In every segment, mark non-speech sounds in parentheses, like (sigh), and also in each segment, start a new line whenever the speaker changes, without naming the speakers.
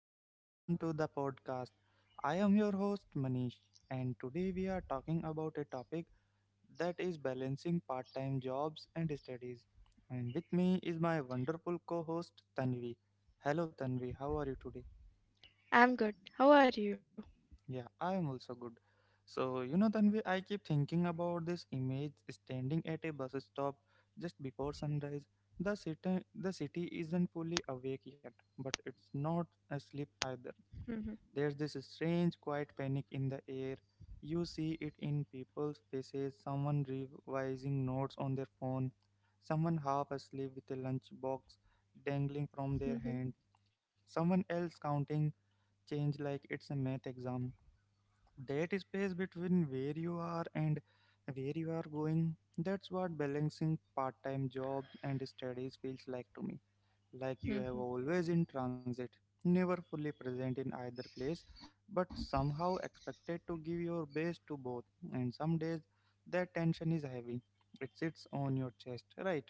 and welcome to the podcast. I am your host, Manish, and today we are talking about a topic that is balancing part time jobs and studies. And with me is my wonderful co host, Tanvi. Hello, Tanvi, how are you today?
I'm good. How are you?
Yeah, I am also good. So, Tanvi, I keep thinking about this image standing at a bus stop just before sunrise. The city isn't fully awake yet, but it's not
Mhm,
asleep either. There's this strange, quiet panic in the air. You see it in people's faces: someone revising notes on their phone, someone half asleep with a lunchbox dangling
mhm,
from their hand, someone else counting change like it's a math exam. That space between where you are and where you are going, that's what balancing part-time jobs and studies feels like to me. Like you have
mhm.
always in transit, never fully present in either place, but somehow expected to give your best to both. And some days that tension is heavy, it sits on your chest, right?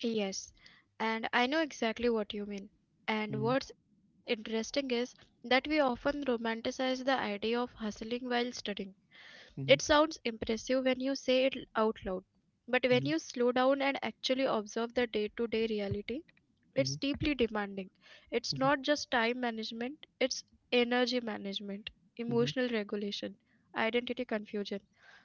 Yes, and I know exactly what you mean.
Mm-hmm,
And what's interesting is that we often romanticize the idea of hustling while studying. It sounds
mm-hmm,
impressive when you say it out loud, but when you
mm-hmm,
slow down and actually observe the day to day reality, it's deeply demanding. It's
mm-hmm,
not just time management, it's energy management,
mm-hmm.
emotional regulation, identity confusion.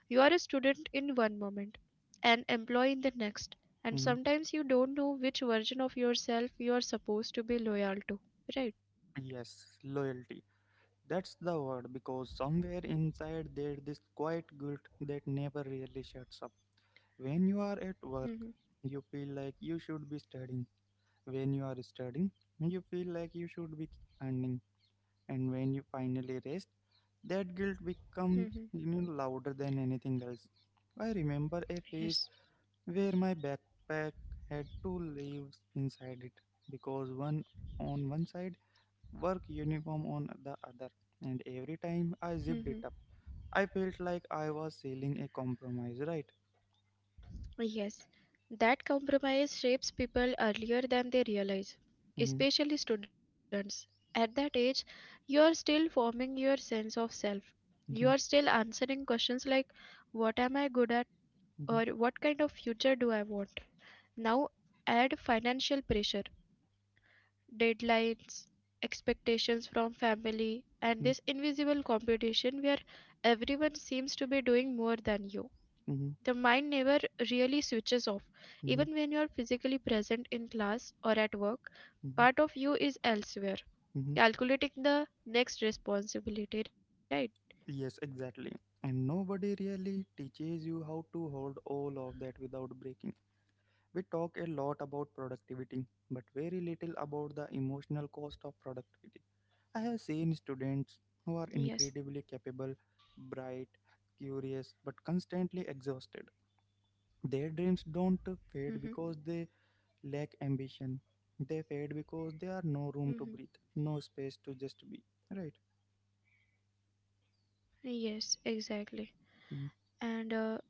You are a student in one moment, an employee in the next, and
Hmm.
sometimes you don't know which version of yourself you are supposed to be loyal to, right?
Yes, loyalty. That's the word, because somewhere inside there this quiet guilt that never really shuts up. When you are at work,
Mhm.
you feel like you should be studying. When you are studying, you feel like you should be earning. And when you finally rest, that guilt
Mhm.
becomes louder than anything else. I remember a
Yes.
phase where my backpack had two leaves inside it because one on one side work uniform on the other. And every time I zipped it up, I felt like I was sealing a compromise, right?
Yes, that compromise shapes people earlier than they realize,
Hmm.
especially students. At that age, you are still forming your sense of self. You are still
Hmm.
answering questions like, what am I good at? Or what
Hmm.
kind of future do I want? Now, add financial pressure, deadlines, expectations from family, and this invisible competition where everyone seems to be doing more than you.
Hmm.
The mind never really switches off.
Hmm.
Even when you are physically present in class or at work,
Hmm.
part of you is elsewhere,
Hmm.
calculating the next responsibility, right?
Yes, exactly. And nobody really teaches you how to hold all of that without breaking. We talk a lot about productivity, but very little about the emotional cost of productivity. I have seen students who
Yes.
are incredibly capable, bright, curious, but constantly exhausted. Their dreams don't
Mm-hmm.
fade because they lack ambition. They fade because there are no room
Mm-hmm.
to breathe, no space to just be. Right.
Yes, exactly.
Mhm,
And uh,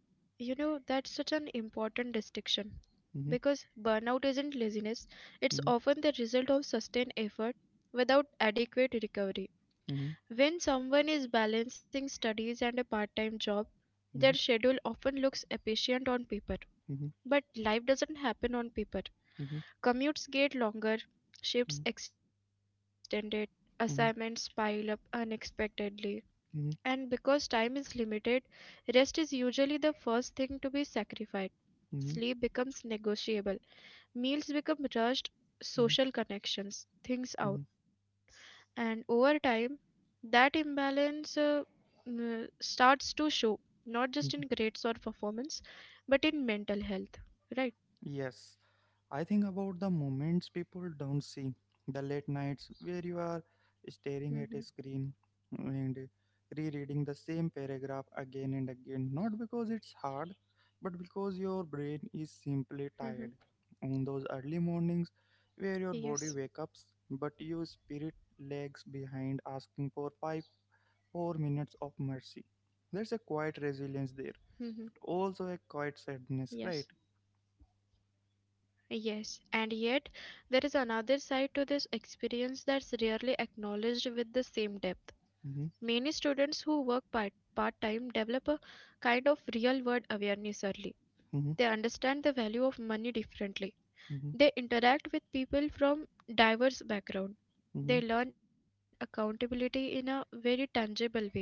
you know, that's such an important distinction
mhm,
because burnout isn't laziness, it's
mhm,
often the result of sustained effort without adequate recovery.
mhm,
When someone is balancing studies and a part time job, their
mhm,
schedule often looks efficient on paper.
mhm,
But life doesn't happen on paper.
mhm, mhm,
Commutes get longer, shifts extended, assignments
mhm,
pile up unexpectedly. And because time is limited, rest is usually the first thing to be sacrificed. Sleep becomes
mhm,
negotiable, meals become rushed, social
mhm,
connections, things out.
mhm,
And over time, that imbalance starts to show, not just in grades or
mhm.
performance, but in mental health, right?
Yes, I think about the moments people don't see, the late nights where you are
Mm-hmm.
staring at a screen and rereading the same paragraph again and again, not because it's hard, but because your brain is
Mm-hmm.
simply tired. On those early mornings where your
Yes.
body wakes up, but your spirit lags behind asking for five, 4 minutes of mercy. There's a quiet resilience there,
Mm-hmm.
but also a quiet sadness, right?
Yes. Yes. And yet, there is another side to this experience that's rarely acknowledged with the same depth.
Hmm.
Many students who work part time develop a kind of real world awareness early.
Hmm.
They understand the value of money differently. They interact with people from diverse backgrounds.
Hmm.
They learn accountability in a very tangible way.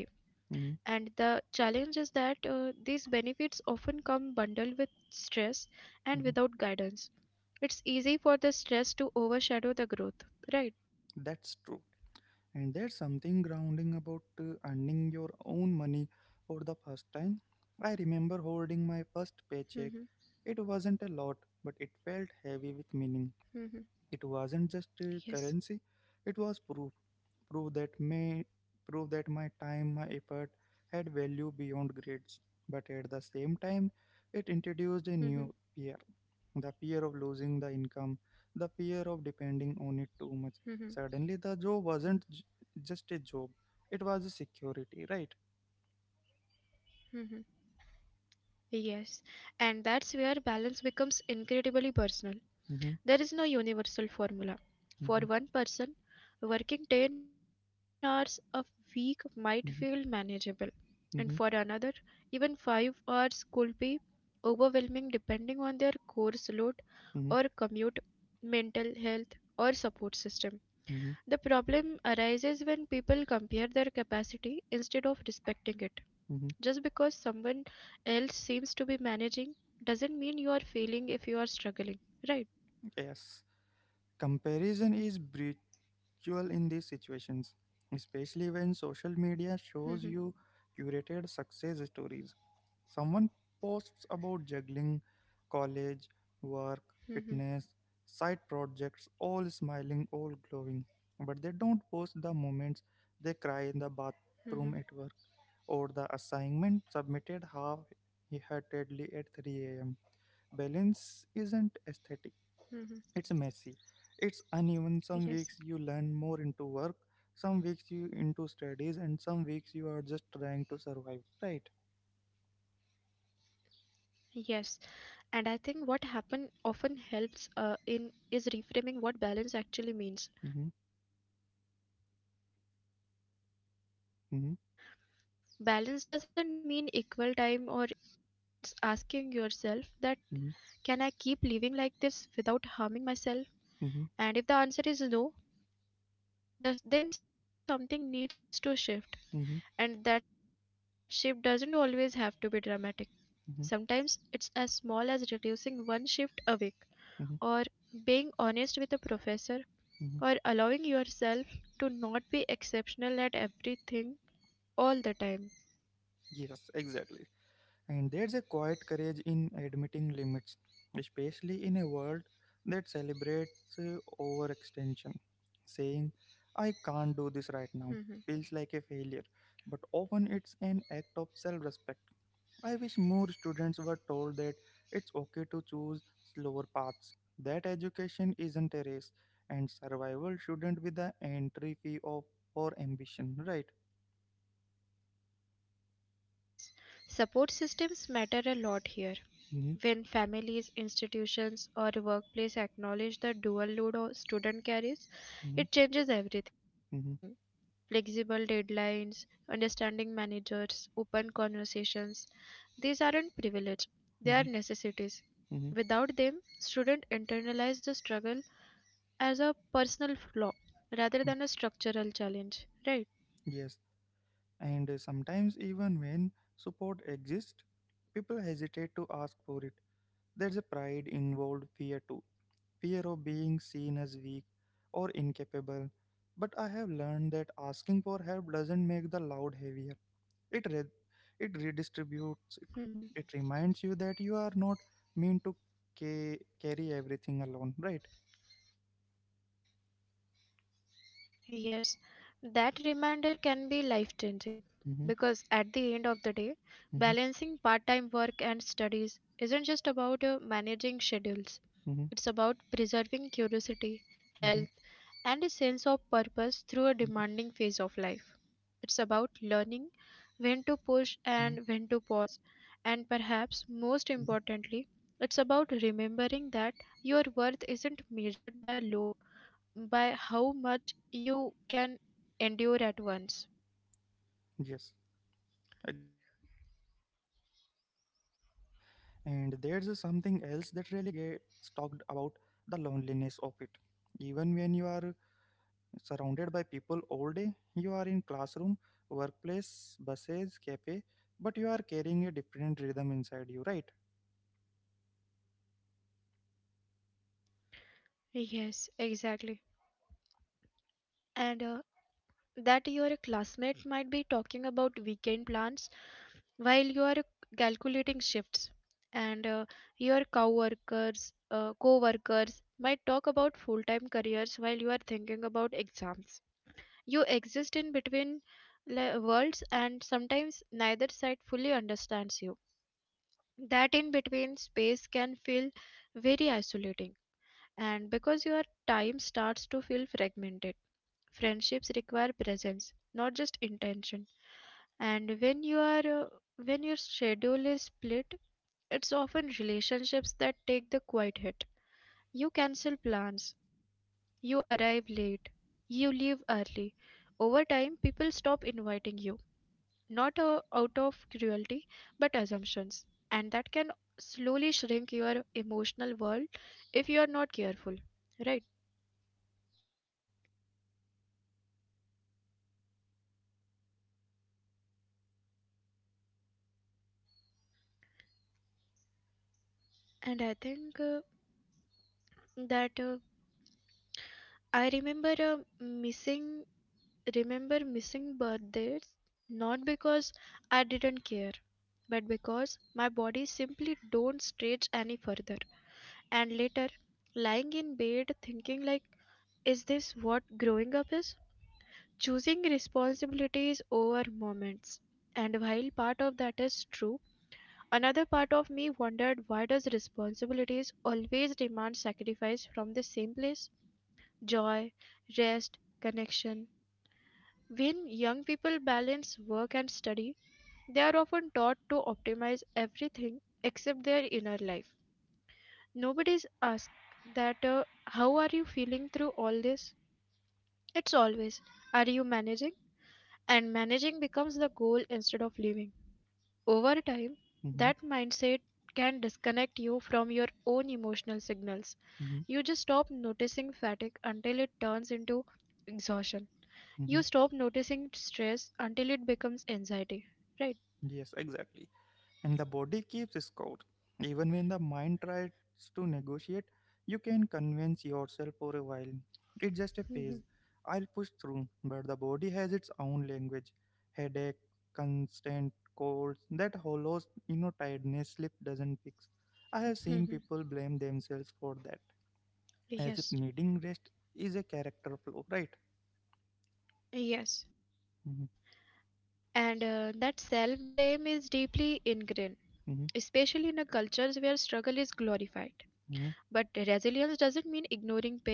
Hmm.
And the challenge is that these benefits often come bundled with stress
Mhm.
and without guidance. It's easy for the stress to overshadow the growth, right?
That's true. And there's something grounding about earning your own money for the first time. I remember holding my first
Mm-hmm,
paycheck. It wasn't a lot, but it felt heavy with meaning.
mm-hmm,
It wasn't just a
yes.
currency; it was proof, proof that may proof that my time, my effort had value beyond grades. But at the same time, it
Mm-hmm,
introduced a new fear: the fear of losing the income, the fear of depending on it too
mm-hmm,
much. Suddenly, the job wasn't just a job; it was a security, right?
mm-hmm. Yes, and that's where balance becomes incredibly personal. There is no
Mm-hmm,
universal formula. For one person,
mm-hmm,
working 10 hours a week might feel manageable, and for
mm-hmm,
another, even 5
mm-hmm,
hours could be overwhelming depending on their course load or commute,
mm-hmm,
mental health, or support system. The problem
mm-hmm. Mm-hmm.
arises when people compare their capacity instead of respecting it. Just because someone else seems to be managing doesn't mean you are failing if you are struggling, right?
Yes, comparison is breach cruel in these situations, especially when social media
(laughs)
shows you curated success stories. Someone posts about juggling, college, work,
Mhm,
fitness, side projects, all smiling, all glowing. But they don't post the moments
mhm,
they cry in the bathroom at work or the assignment submitted half heartedly at 3 a.m. Balance isn't aesthetic,
mhm.
it's messy, it's
Yes,
uneven. Some weeks you learn more into work, some weeks you into studies, and some weeks you are just trying to survive, right?
yes. And I think what happen often helps in is reframing what balance actually means.
Mm-hmm,
Balance doesn't mean equal time or equal energy
mm-hmm,
every day. It means sustainability over time. It means asking yourself that
mm-hmm,
can I keep living like this without harming myself? And if the answer is no, thus then something needs to shift.
mm-hmm,
And
mm-hmm,
that shift doesn't always have to be dramatic. Sometimes it's as
mm-hmm,
small as reducing one shift a week, or
mm-hmm.
being honest with a professor, or allowing
Mm-hmm.
yourself to not be exceptional at everything all the time.
Yes, exactly. And there's a quiet courage in admitting limits, especially in a world that celebrates overextension. Saying I can't do this right now
(laughs)
feels like a failure, but often it's an act of self-respect. I wish more students were told that it's okay to choose slower paths, that education isn't a race, and survival shouldn't be the entry fee of for ambition, right?
Yes, support systems matter a lot here.
Hmm.
When families, institutions, or workplace acknowledge the dual load a student carries,
Hmm.
it changes everything.
Hmm.
Flexible deadlines, understanding managers, open conversations. These aren't privilege, they
Hmm.
are necessities.
Hmm.
Without them, students internalize the struggle as a personal flaw rather than a structural challenge, right?
Yes, and sometimes even when support exists, people hesitate to ask for it. There's a pride involved, fear too, fear of being seen as weak or incapable. But I have learned that asking for help doesn't make the load heavier. It re- it redistributes it. It
(laughs)
reminds you that you are not meant to carry everything alone, right?
Yes, that reminder can be life changing
Mm-hmm,
because at the end of the day,
mm-hmm,
balancing part time work and studies isn't just about managing schedules,
mm-hmm,
it's about preserving curiosity,
mm-hmm,
health, and a sense of purpose through a demanding phase of life. It's about learning when to push
mm-hmm,
and when to pause, and perhaps most
mm-hmm.
importantly, it's about remembering that your worth isn't measured by how much you can endure at once.
Yes, exactly. And there's something else that really gets talked about, the loneliness of it. Even when you are surrounded by people all day, you are in classroom, workplace, buses, cafe, but you are carrying a different rhythm inside you, right?
Yes, exactly. And that your classmate might be talking about weekend plans while you are calculating shifts. And your co-workers might talk about full-time careers while you are thinking about exams. You exist in between worlds and sometimes neither side fully understands you. That in between space can feel very isolating, and because your time starts to feel fragmented, friendships require presence, not just intention. And when your schedule is split, it's often relationships that take the quiet hit. You cancel plans, you arrive late, you leave early. Over time, people stop inviting you, not out of cruelty but assumptions, and that can slowly shrink your emotional world if you are not careful, right? And I think that I remember missing birthdays, not because I didn't care but because my body simply don't stretch any further. And later, lying in bed thinking, like, is this what growing up is, choosing responsibilities over moments? And while part of that is true, another part of me wondered, why does responsibilities always demand sacrifice from the same place? Joy, rest, connection. When young people balance work and study, they are often taught to optimize everything except their inner life. Nobody's asked that, how are you feeling through all this? It's always, are you managing? And managing becomes the goal instead of living. Over time,
Mm-hmm,
that mindset can disconnect you from your own emotional signals.
mm-hmm.
You just stop noticing fatigue until it turns into exhaustion. You stop noticing stress until it becomes anxiety, right?
Yes, exactly. And the body keeps score. Even when the mind tries to negotiate, you can convince yourself for a while. It's just a phase.
Mhm,
I'll push through. But the body has its own language. Headache, constant colds, that hollows, tiredness sleep doesn't fix. I have seen people blame
mhm.
themselves for that, as if needing
Yes,
rest is a character flaw, right?
yes.
Mhm,
And that self blame is deeply ingrained, especially
mhm,
in a cultures where struggle is glorified. But
mhm,
resilience doesn't mean ignoring pain,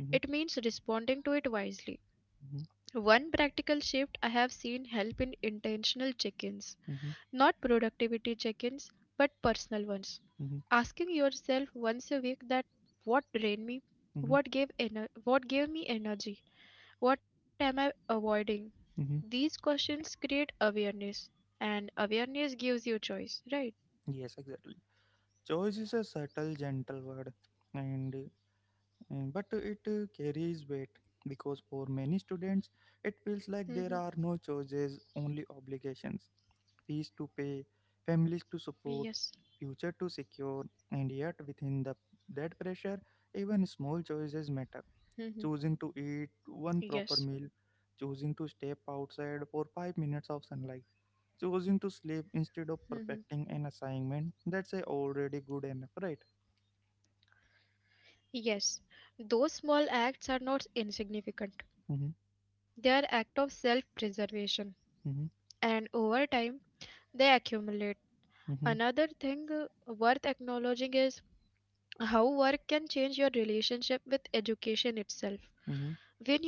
it
mhm,
means responding to it wisely.
mhm,
One practical shift I have seen help in intentional check ins,
mhm,
not productivity check ins, but personal ones.
mhm,
Asking yourself once a week that what drained me,
mhm,
what gave me energy, what am I avoiding.
mhm.
These questions create awareness, and awareness gives you choice, right?
Yes, exactly. Choice is a subtle, gentle word, and but it carries weight because for many students it feels like
Hmm.
there are no choices, only obligations: fees to pay, families to
Yes.
support, future to secure. And yet within the that pressure, even small choices matter.
Hmm.
Choosing to eat one proper meal,
Yes.
choosing to step outside for 5 minutes of sunlight, choosing to sleep instead of
Mm-hmm.
perfecting an assignment that's a already good enough, right?
Yes, those small acts are not
Mm-hmm,
insignificant. They are acts of self preservation,
mm-hmm,
and over time they accumulate. Another
mm-hmm,
thing worth acknowledging is how work can change your relationship with education itself.
mm-hmm,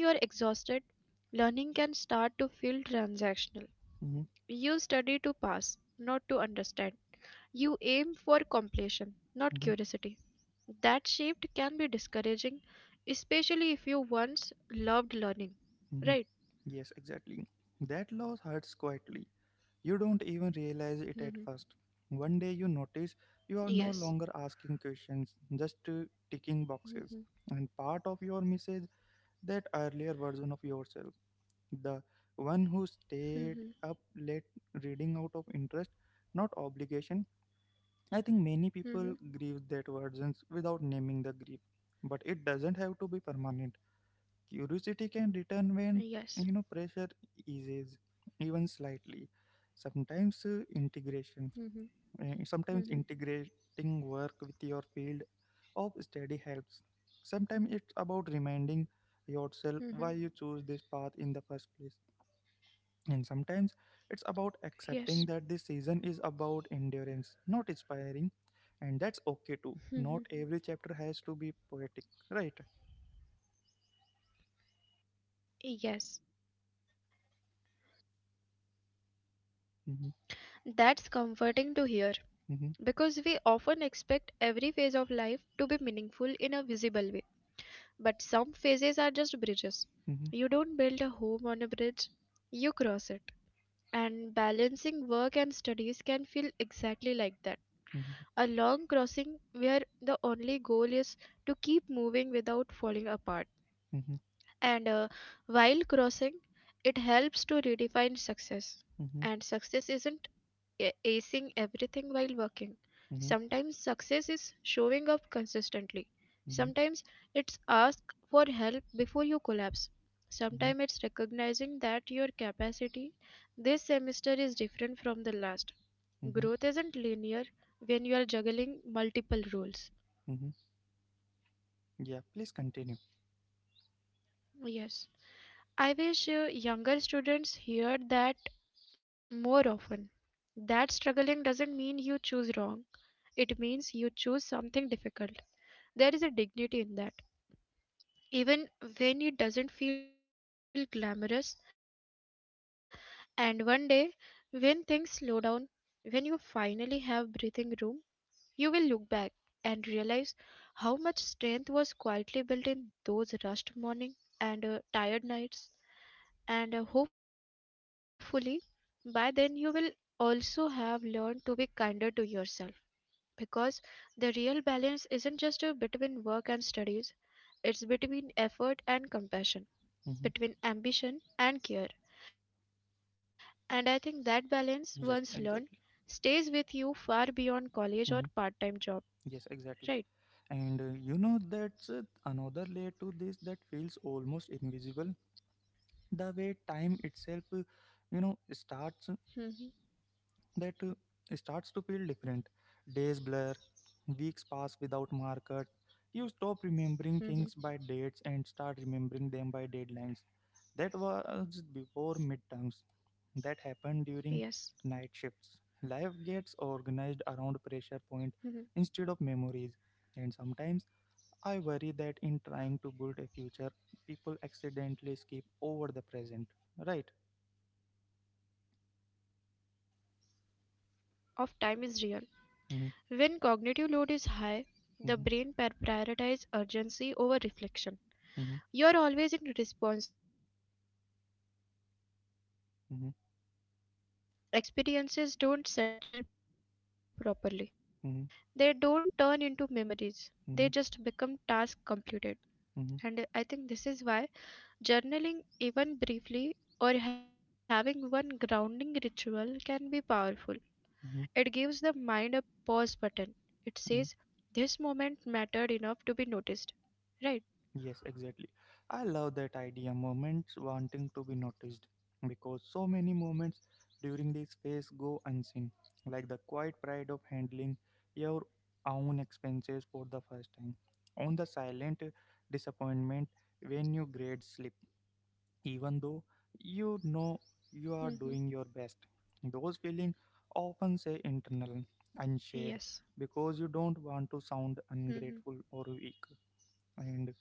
When you are exhausted, learning can start to feel transactional.
mm-hmm,
You study to pass, not to understand. You aim for completion, not
mm-hmm.
curiosity. That shift can be discouraging, especially if you once loved learning,
Hmm.
right?
Yes, exactly. That loss hurts quietly. You don't even realize it at first.
Mm-hmm.
One day you notice you are no longer asking
Yes.
questions, just ticking boxes. And part of
Mm-hmm.
your message, that earlier version of yourself, the one who stayed up
Mm-hmm.
late reading out of interest, not obligation. I think many
Mm-hmm.
people grieve that versions without naming the grief. But it doesn't have to be permanent. Curiosity can return when
Yes.
pressure eases, even slightly. sometimes uh,
Mm-hmm.
integration
Mm-hmm.
uh, sometimes integrating work with your field of study helps. Sometimes it's about reminding yourself
Mm-hmm.
why you chose this path in the first place, and sometimes it's about
Yes.
accepting that this season is about endurance, not inspiring. And that's okay too. Not
Mm-hmm.
every chapter has to be poetic, right?
Yes.
Mhm,
That's comforting to hear
mhm,
because we often expect every phase of life to be meaningful in a visible way. But some phases are just bridges.
mhm,
You don't build a home on a bridge, you cross it. And balancing work and studies can feel exactly like that.
mhm,
A long crossing where the only goal is to keep moving without falling apart.
mhm,
And while crossing, it helps to redefine success.
mhm,
And success isn't acing everything while working.
mhm,
Sometimes success is showing up consistently.
mhm,
Sometimes it's ask for help before you collapse.
mhm,
Sometimes it's recognizing that your capacity this semester is different from the last. Growth
mhm,
isn't linear when you are juggling multiple roles.
mhm. Yeah, please continue.
Yes. I wish younger students hear that more often. That struggling doesn't mean you choose wrong. It means you choose something difficult. There is a dignity in that, even when it doesn't feel glamorous. And one day, when things slow down, when you finally have breathing room, you will look back and realize how much strength was quietly built in those rushed mornings and tired nights. And hopefully, by then, you will also have learned to be kinder to yourself. Because the real balance isn't just a between work and studies, it's between effort and compassion, between ambition
Mhm.
and care. And I think that balance, once learned, stays with
Yes,
you far
exactly.
beyond college or part time job,
Mhm.
right?
Yes, exactly. And that's another layer to this that feels almost invisible. The way time
Mm-hmm.
itself you know, starts. that uh, starts to feel different. Days blur, weeks pass without markers.
Mm-hmm.
You stop remembering things by dates and start remembering them by deadlines. That was before
Yes.
midterms. That happened during night shifts. Life gets organized around
Mm-hmm.
pressure point instead of memories. And sometimes I worry that in trying to build a future, people accidentally skip over the present, right?
Yes. That distortion is time of time is real.
Mm-hmm,
When cognitive load is
mm-hmm,
high, the brain prioritizes urgency over
mm-hmm,
reflection. You're always in response mode and without
mm-hmm,
reflection, experiences don't settle properly. They don't turn
mm-hmm,
into memories. They just become task
mm-hmm. Mm-hmm.
completed. And I think this is why journaling, even briefly, or having one grounding ritual can be powerful. It gives the mind a
Mhm,
pause button. It says, this moment
mhm.
mattered enough to be noticed. Right?
Yes, exactly. I love that idea, moments wanting to be noticed, because so many moments during this phase go unseen, like the quiet pride of handling your own expenses for the first time, on the silent disappointment when your grades slip, even though you
Mm-hmm.
know you are doing your best. Those feelings often say
Yes.
internal, unshared, because you don't want to
Mm-hmm.
sound ungrateful or weak. And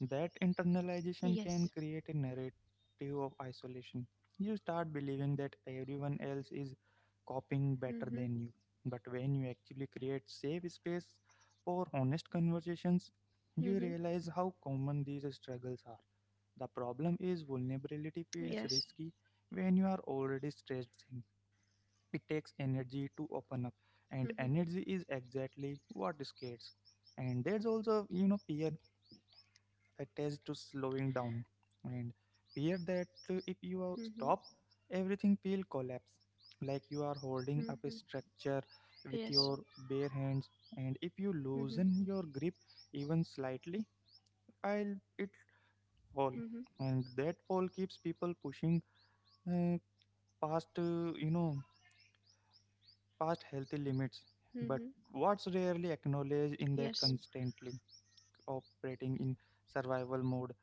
that
Yes.
internalization can create a narrative of isolation. You start believing that everyone
Mm-hmm.
else is copying better than you. But when you actually create safe space for honest conversations,
Mm-hmm.
you realize how common these struggles are. The problem is vulnerability
Yes.
feels risky when you are already stressed thin. It takes energy to
Mm-hmm.
open up, and energy is exactly what scares. And there's also, fear attached to slowing down, and fear that if
Mm-hmm.
you are stop everything will collapse, like
Mm-hmm.
you are holding up a
Yes.
structure with your bare hands, and
Mm-hmm.
if you loosen your grip even slightly I'll it
Hmm.
fall. And that fall keeps people pushing uh, past healthy limits.
Hmm.
But what's rarely acknowledged
Yes,
in that, constantly operating in survival mode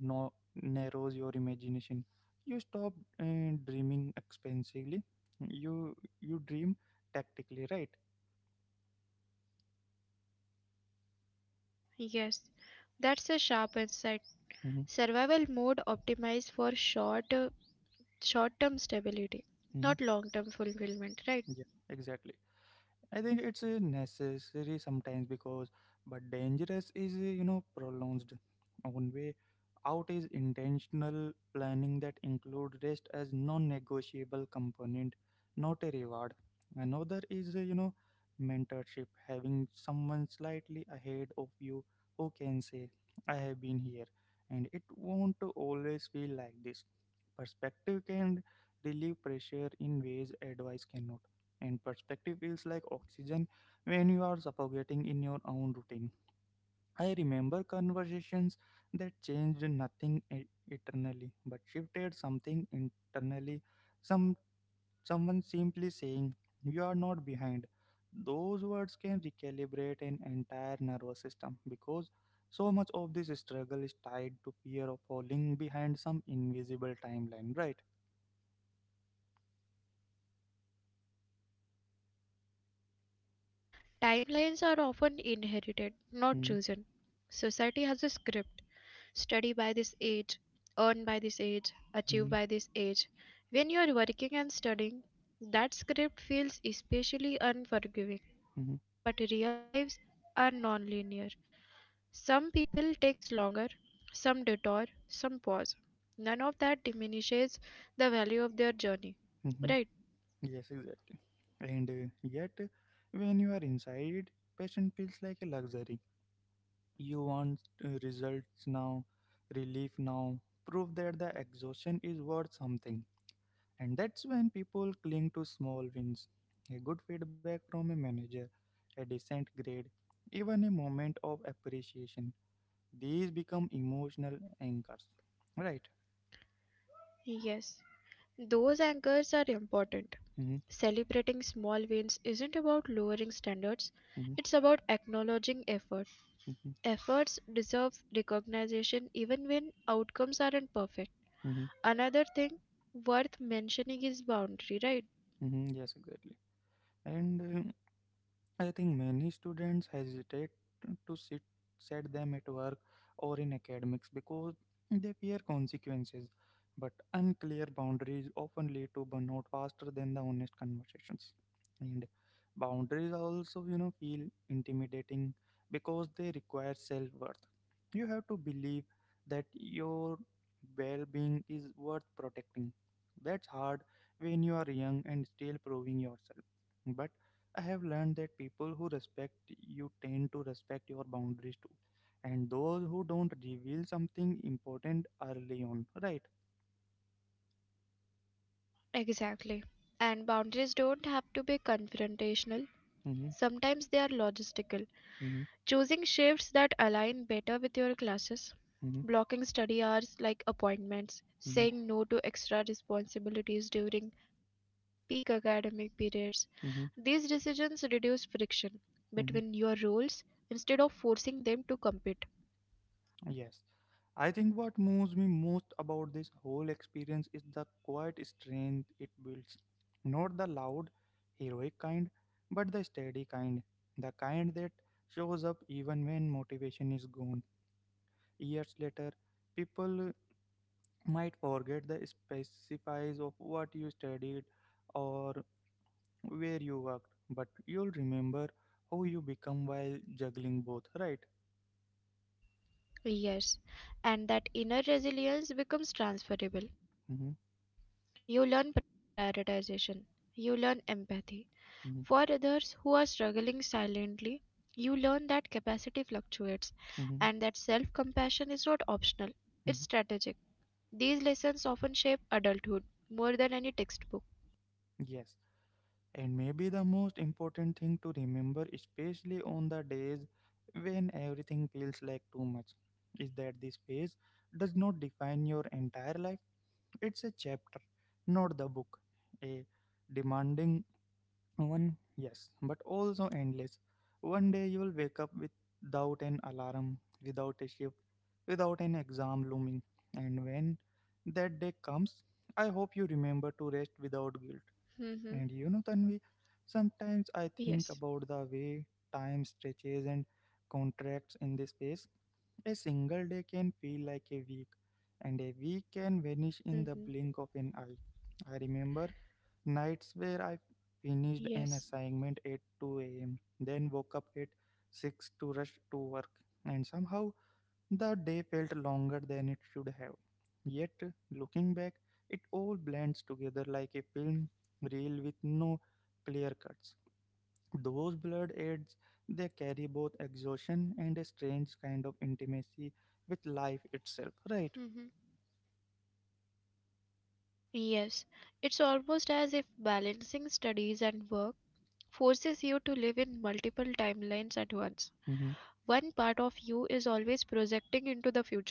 narrows your imagination. You stop dreaming expensively. You you dream tactically, right?
yes. That's a sharp insight.
Mm-hmm,
Survival mode optimized for short-term stability,
mm-hmm.
not long-term fulfillment, right?
Yeah, exactly. I think it's necessary sometimes because, but dangerous is, prolonged. One way out is intentional planning that include rest as non-negotiable component, not a reward. Another is, mentorship, having someone slightly ahead of you who can say, I have been here, and it won't always feel like this. Perspective can relieve pressure in ways advice cannot, and perspective feels like oxygen when you are suffocating in your own routine. I remember conversations that changed nothing eternally but shifted something internally. Some someone simply saying you are not behind. Those words can recalibrate an entire nervous system because so much of this struggle is tied to fear of falling behind some invisible timeline, right?
Yes. Timelines are often inherited, not chosen. Society has a script. Study by this age, earn by this age,
Mm-hmm.
achieve by this age. When you are working and studying, that script feels especially unforgiving. But real lives are non-linear. Some people takes longer, some detour, some pause. None of that diminishes the value of their journey, right?
Yes, exactly. And yet, when you are inside it, patient feels like a luxury. You want results now, relief now, proof that the exhaustion is worth something. And that's when people cling to small wins. A good feedback from a manager, a decent grade, even a moment of appreciation. These become emotional
Mhm.
anchors. Right?
Yes, those anchors are important.
Mm-hmm,
Celebrating small wins isn't about lowering standards,
mm-hmm,
it's about acknowledging effort.
mm-hmm,
Efforts deserve recognition even when outcomes aren't perfect.
mm-hmm,
Another thing worth mentioning is boundary, right?
mm-hmm. Yes, exactly. And I think many students hesitate to sit set them at work or in academics because they fear consequences. But unclear boundaries often lead to burnout faster than the honest conversations. And boundaries also, feel intimidating because they require self worth. You have to believe that your well being is worth protecting. That's hard when you are young and still proving yourself. But I have learned that people who respect you tend to respect your boundaries too, and those who don't reveal something important early on, right?
Exactly. And boundaries don't have to be confrontational.
Mm-hmm,
Sometimes they are logistical,
mm-hmm,
choosing shifts that align better with your classes,
mm-hmm,
blocking study hours like
mm-hmm,
appointments, saying no to extra responsibilities during peak academic periods.
mm-hmm,
These decisions reduce friction
mm-hmm.
between your roles instead of forcing them to compete.
Yes. I think what moves me most about this whole experience is the quiet strength it builds. Not the loud, heroic kind, but the steady kind. The kind that shows up even when motivation is gone. Years later, people might forget the specifics of what you studied or where you worked, but you'll remember how you become while juggling both, right?
Yes, and that inner resilience becomes transferable.
Hmm.
You learn prioritization, you learn empathy
Hmm.
for others who are struggling silently, you learn that capacity fluctuates
Hmm.
and that self compassion is not optional,
Hmm.
it's strategic. These lessons often shape adulthood more than any textbook.
Yes, and maybe the most important thing to remember, especially on the days when everything feels like too much, is that this phase does not define your entire life. It's a chapter, not the book. A demanding One, yes, but also endless. One day you'll wake up without an alarm, without a shift, without an exam looming. And when that day comes, I hope you remember to rest without guilt.
Hmm.
And you know, Tanvi, sometimes I
Yes.
think about the way time stretches and contracts in this space. A single day can feel like a week, and a week can vanish in the blink of an
Hmm.
eye. I remember nights where I finished an
Yes.
assignment at 2 a.m., then woke up at 6 to rush to work, and somehow the day felt longer than it should have. Yet, looking back, it all blends together like a film reel with no clear cuts. Those blurred edges, they carry both exhaustion and a strange kind of intimacy with life itself, right?
Hmm. Yes. It's almost as if balancing studies and work forces you to live in multiple timelines at once.
Mm-hmm,
One part of you is always projecting into the future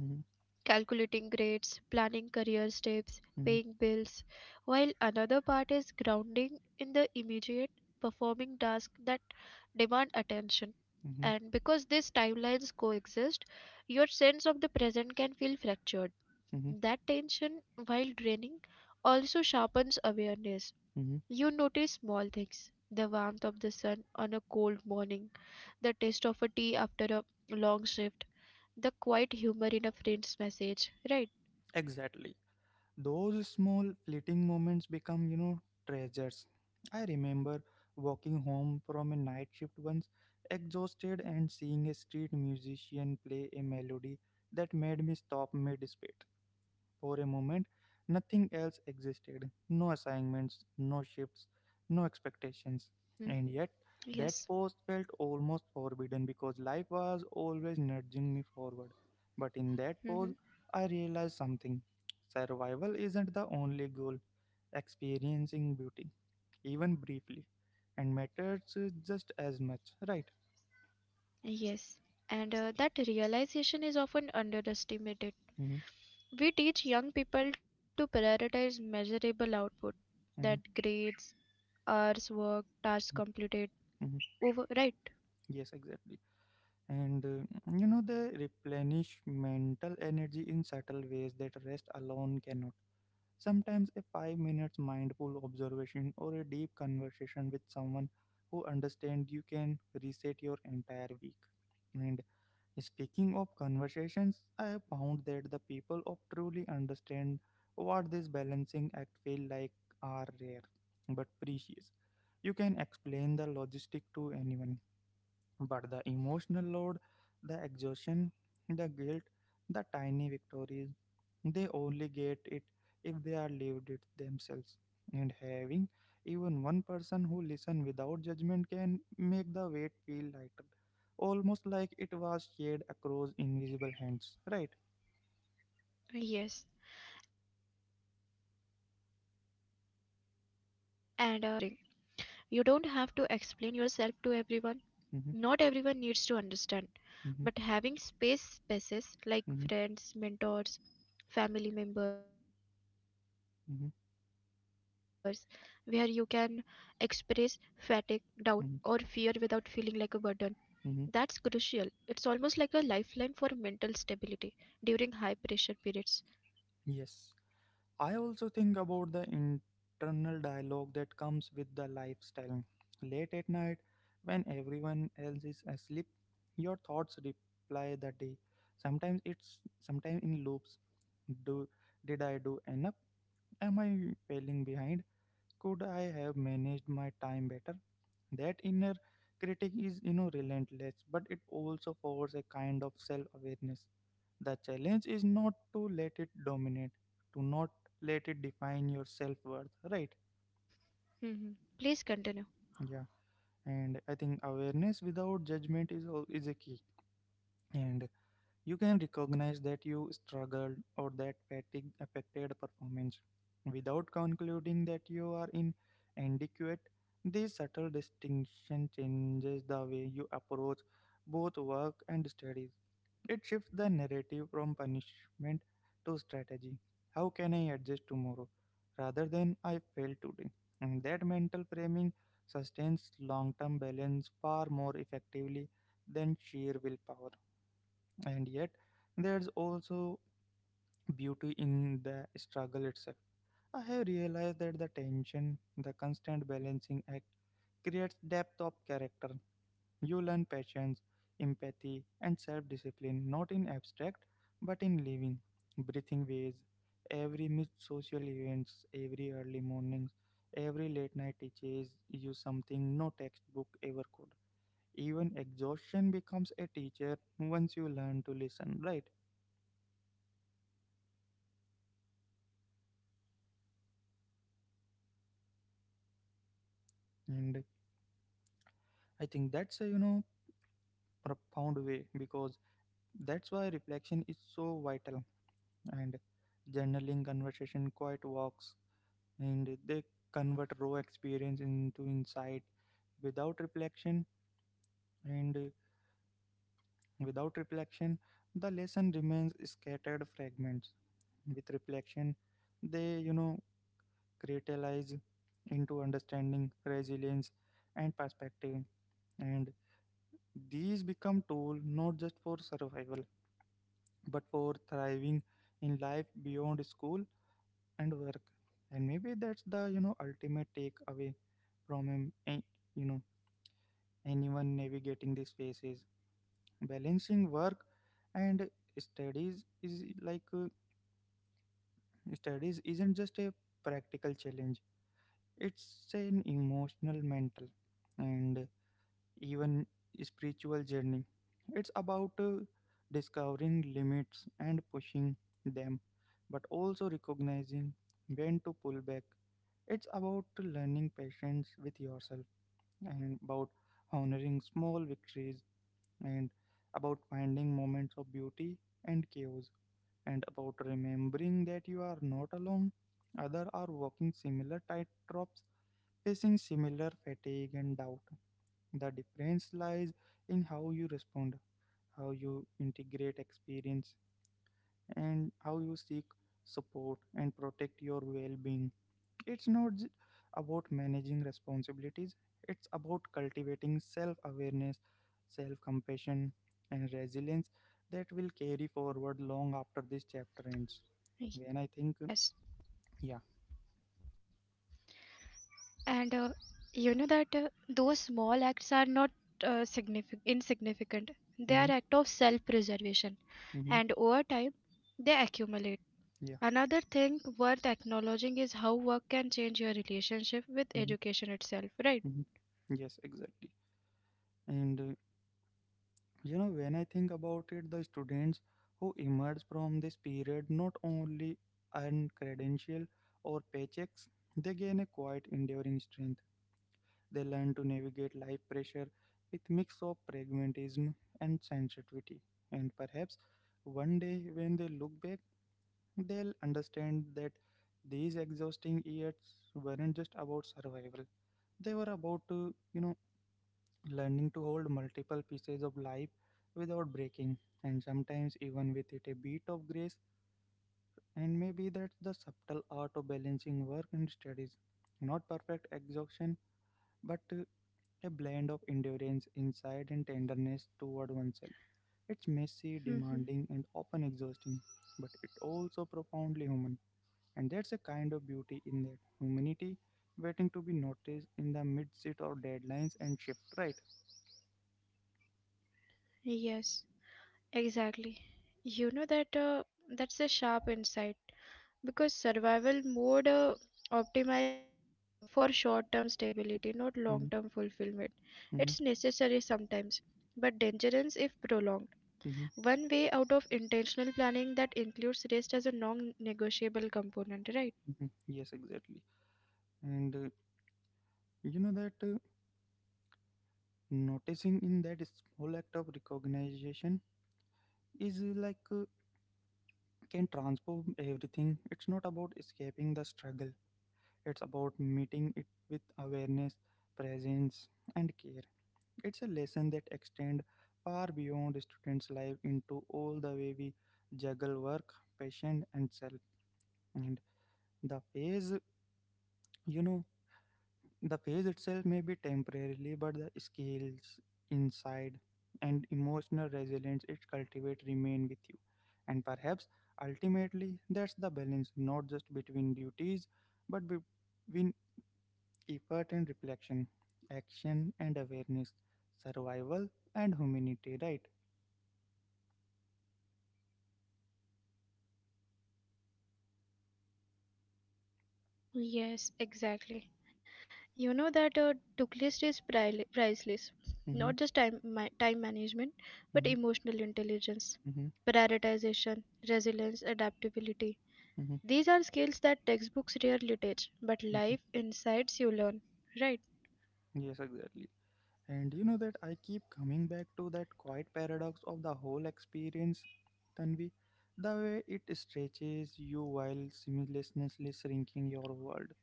mm-hmm,
calculating grades, planning career steps, paying
mm-hmm,
bills, while another part is grounding in the immediate performing tasks that demand attention.
mm-hmm,
And because these timelines coexist, your sense of the present can feel fractured.
mm-hmm,
That tension, while draining, also sharpens awareness.
mm-hmm.
You notice small things the warmth of the sun on a cold morning, the taste of a tea after a long shift, the quiet humor in a friend's message, right?
Exactly. Those small fleeting moments become, treasures. I remember walking home from a night shift once, exhausted, and seeing a street musician play a melody that made me stop mid for a moment, nothing else existed no assignments, no shifts, no expectations.
Mm-hmm.
And yet, that
Yes.
pause felt almost forbidden because life was always nudging me forward. But in that pause,
Mm-hmm.
I realized something survival isn't the only goal, experiencing beauty, even briefly,
Mm-hmm.
and matters just as much, right?
Yes, and that realization is often underestimated.
Hmm.
We teach young people to prioritize measurable output, that
Hmm.
grades, hours worked, tasks completed,
Hmm.
over, right?
Yes, exactly. and they replenish mental energy in subtle ways that rest alone cannot sometimes a 5 minute minutes mindful observation or a deep conversation with someone who understands you can reset your entire week, and speaking of conversations I have found that the people of truly understand what this balancing act feel like are rare but precious. You can explain the logistic to anyone but the emotional load, the exhaustion, the guilt, the tiny victories, they only get it if they are lived it themselves. And having even one person who listens without judgment can make the weight feel lighter, almost like it was shared across invisible hands. Right?
Yes, and you know that brings up the importance of selective sharing. You don't have to explain yourself to everyone.
Mm-hmm,
Not everyone needs to understand.
mm-hmm,
But having spaces
mm-hmm,
like friends, mentors, family members, where you
mm-hmm,
can express fatigue, doubt, or fear without feeling like a
mm-hmm,
burden, that's crucial. It's
mm-hmm.
almost like a lifeline for mental stability during high pressure periods.
Yes. I also think about the internal dialogue that comes with the lifestyle. Late at night, when everyone else is asleep, your thoughts reply the day. Sometimes it's sometimes in loops. Do did I do enough? Am I failing behind? Could I have managed my time better? That inner critic is relentless, but it also forces a kind of self-awareness. The challenge is not to let it dominate, to not let it define your self-worth, right?
Mhm. Please continue.
Yeah, and I think awareness without judgment is a key. And you can recognize that you struggled or that fatigue affected performance without concluding that you are inadequate. This subtle distinction changes the way you approach both work and studies. It shifts the narrative from punishment to strategy. How can I adjust tomorrow rather than I failed today? And that mental framing sustains long term balance far more effectively than sheer willpower. And yet, there's also beauty in the struggle itself. I have realized that the tension, the constant balancing act, creates depth of character. You learn patience, empathy, and self discipline not in abstract but in living, breathing ways. Every missed social events, every early mornings, every late night teaches you something no textbook ever could. Even exhaustion becomes a teacher once you learn to listen, right? And I think that's a profound way, because that's why reflection is so vital. And journaling conversation quiet walks, and they convert raw experience into insight. Without reflection, and without reflection, the lesson remains scattered fragments. With reflection, they crystallize into understanding resilience and perspective. And these become tool not just for survival but for thriving in life beyond school and work. And maybe that's the ultimate takeaway from you know anyone navigating these phases. Balancing work and studies is like studies isn't just a practical challenge, it's an emotional mental and even spiritual journey. It's about discovering limits and pushing them, but also recognizing when to pull back. It's about learning patience with yourself, and about honoring small victories, and about finding moments of beauty and chaos, and about remembering that you are not alone. Others are walking similar tightrops, facing similar fatigue and doubt. The difference lies in how you respond, how you integrate experience, and how you seek support and protect your well being. It's not j- about managing responsibilities, it's about cultivating self awareness, self compassion, and resilience that will carry forward long after this chapter ends. When I think,
Yes.
yeah,
And you know that those small acts are not insignificant. They are
mm-hmm,
act of self-preservation,
mm-hmm,
and over time, they accumulate.
yeah,
Another thing worth acknowledging is how work can change your relationship with
mm-hmm,
education itself, right?
mm-hmm. Yes, exactly. And when I think about it, the students who emerge from this period not only earn credential or paychecks, they gain a quiet, enduring strength. They learn to navigate life pressure with mix of pragmatism and sensitivity. And perhaps one day when they look back, they'll understand that these exhausting years weren't just about survival, they were about you know learning to hold multiple pieces of life without breaking, and sometimes even with it a bit of grace. And maybe that's the subtle art of balancing work and studies. Not perfect exhaustion, but a blend of endurance insight, and tenderness toward oneself. It's messy,
Hmm.
demanding, and often exhausting, but it also profoundly human. And there's a kind of beauty in that humanity waiting to be noticed in the midst of deadlines and shift, right?
Yes, exactly. You know that that's a sharp insight. Because survival mode optimizes for short term stability, not long term
Mm-hmm,
fulfillment. It's
mm-hmm,
necessary sometimes, but dangerous if prolonged.
mm-hmm.
One way out of intentional planning that includes rest as a non negotiable component, right?
Mhm. Yes, exactly. And that noticing in that small act of recognition is can transform everything. It's not about escaping the struggle, it's about meeting it with awareness, presence, and care. It's a lesson that extends far beyond a student's life into all the way we juggle work, passion, and self. And the phase, you know, The phase itself may be temporarily, but the skills, insight, and emotional resilience it cultivates remain with you. And perhaps ultimately, that's the balance, not just between duties, but between effort and reflection, action and awareness, survival and humanity, right?
Yes, exactly. You know that a to-do list is priceless,
Mm-hmm,
not just time management,
mm-hmm,
but emotional
mm-hmm,
intelligence, prioritization, resilience, adaptability.
mm-hmm,
These are skills that textbooks rarely teach,
mm-hmm.
but life insights you learn, right?
Yes, exactly. And you know that I keep coming back to that quiet paradox of the whole experience, Tanvi. The way it stretches you while simultaneously shrinking your world.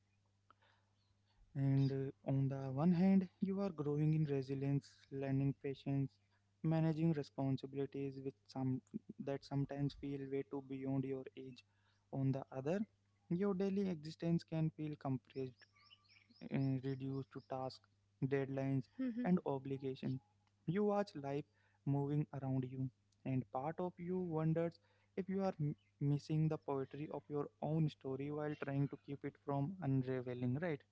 And on the one hand, you are growing in resilience, learning patience, managing responsibilities with some that sometimes feel way too beyond your age. On the other, your daily existence can feel compressed reduced to tasks,
Mm-hmm.
deadlines, and obligations. You watch life moving around you, and part of you wonders if you are missing the poetry of your own story while trying to keep it from unraveling, right?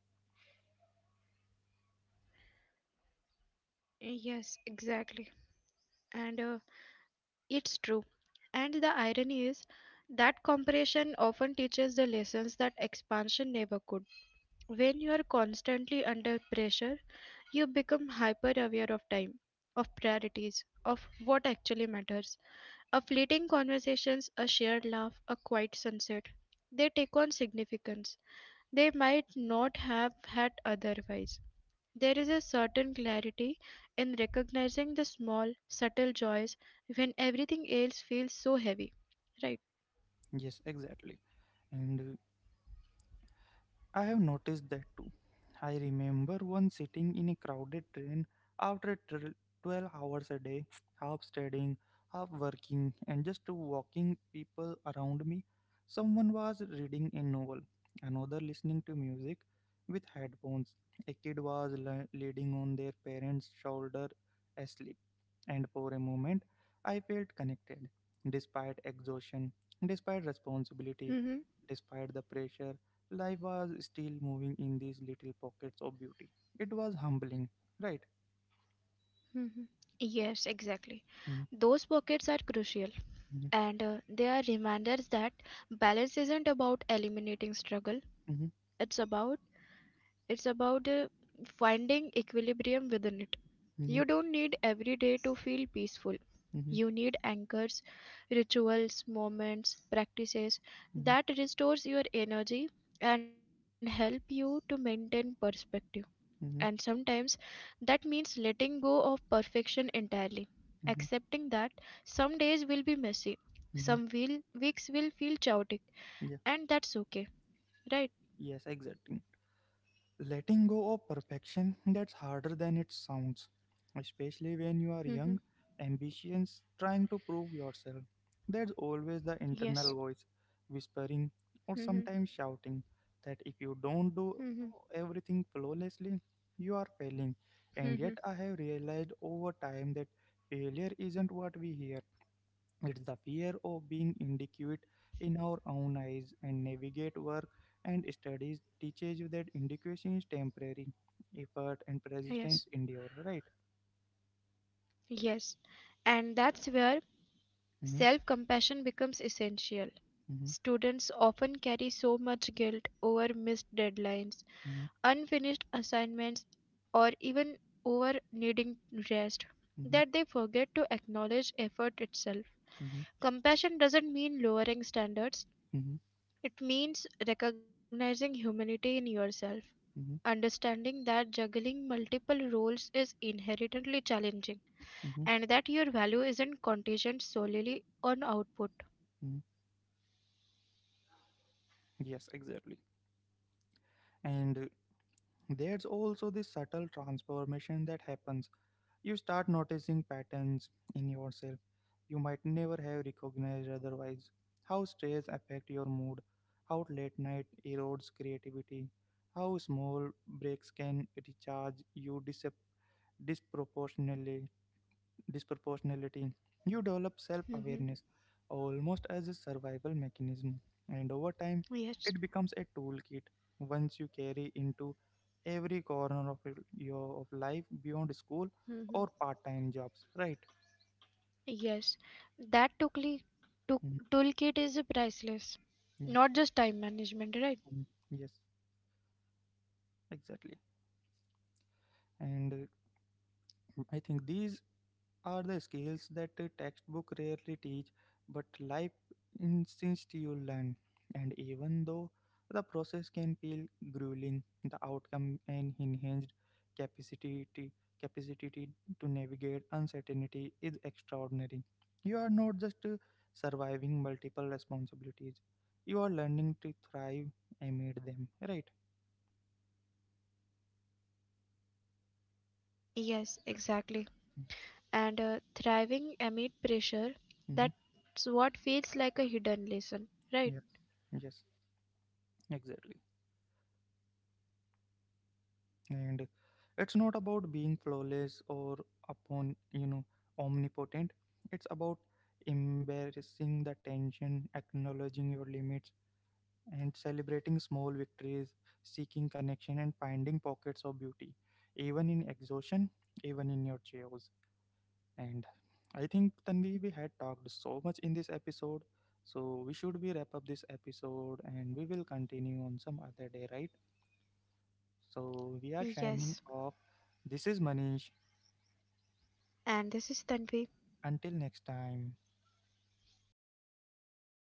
Yes, exactly. And it's true. And the irony is that comparison often teaches the lessons that expansion never could. When you are constantly under pressure, you become hyper aware of time, of priorities, of what actually matters. A fleeting conversations, a shared laugh, a quiet sunset. They take on significance they might not have had otherwise. There is a certain clarity in recognizing the small, subtle joys when everything else feels so heavy, right?
Yes, exactly. And I have noticed that too. I remember once sitting in a crowded train after 12 hours a day, half studying, half working, and just walking people around me. Someone was reading a novel, another listening to music with headphones. A kid was leaning on their parents' shoulder asleep, and for a moment I felt connected, despite exhaustion, despite responsibility,
Mm-hmm.
despite the pressure. Life was still moving in these little pockets of beauty. It was humbling, right?
Mm-hmm. Yes, exactly.
Mhm,
Those pockets are crucial,
mhm,
and they are reminders that balance isn't about eliminating struggle.
mhm,
It's about it's about uh, finding equilibrium within it. You
mhm,
don't need every day to feel peaceful.
mhm,
You need anchors, rituals, moments, practices
mhm,
that restores your energy and help you to maintain perspective. And sometimes
mhm,
that means letting go of perfection entirely, accepting
mhm,
that some days will be messy,
mhm.
weeks will feel chaotic,
Yeah,
and that's okay, right?
yes, exactly. Letting go of perfection, that's harder than it sounds, especially when you are
Mm-hmm.
young, ambitious, trying to prove yourself. There's always the
Yes.
internal voice whispering or
Mm-hmm.
sometimes shouting that if you don't do
Mm-hmm.
everything flawlessly, you are failing. And
Mm-hmm.
yet, I have realized over time that failure isn't what we hear, it's the fear of being inadequate in our own eyes and navigate work and studies teaches you that indication is temporary. Effort and
Yes.
persistence endure, right?
Yes. And that's where
Mm-hmm,
self-compassion becomes essential.
mm-hmm,
Students often carry so much guilt over missed deadlines, unfinished assignments, or even over needing rest
mm-hmm,
that they forget to acknowledge effort itself.
mm-hmm,
Compassion doesn't mean lowering standards,
mm-hmm, mm-hmm,
it means recognizing humanity in yourself.
mm-hmm,
Understanding that juggling multiple roles is inherently challenging
mm-hmm,
and that your value isn't contingent solely on output.
mm-hmm. Yes, exactly. And there's also this subtle transformation that happens. You start noticing patterns in yourself you might never have recognized otherwise. How stress affects your mood, how late night erodes creativity, how small breaks can recharge you disproportionately disproportionality. You develop self
(laughs)
awareness almost as a survival mechanism, and over time,
Yes.
it becomes a toolkit once you carry into every corner of your- of life beyond school
Mhm.
or part-time jobs, right?
Yes, that tool
Mhm.
toolkit is priceless,
Yeah.
not just time management, right?
Mhm. Yes, exactly. and I think these are the skills that a textbook rarely teach, but life insists you learn. And even though the process can feel grueling, the outcome and enhanced capacity capacity to navigate uncertainty is extraordinary. You are not just surviving multiple responsibilities; you are learning to thrive amid them. Right?
Yes, exactly. And thriving amid pressure,
Mm-hmm.
that's what feels like a hidden lesson, right?
Yeah. Yes. Exactly. And it's not about being flawless or upon omnipotent, it's about embarrassing the tension, acknowledging your limits, and celebrating small victories, seeking connection and finding pockets of beauty, even in exhaustion, even in your chaos. And I think Tanvi, we had talked so much in this episode, so we should be wrap up this episode and we will continue on some other day, right? So
Yes.
we are signing off. This is Manish.
And this is Tanvi.
Until next time.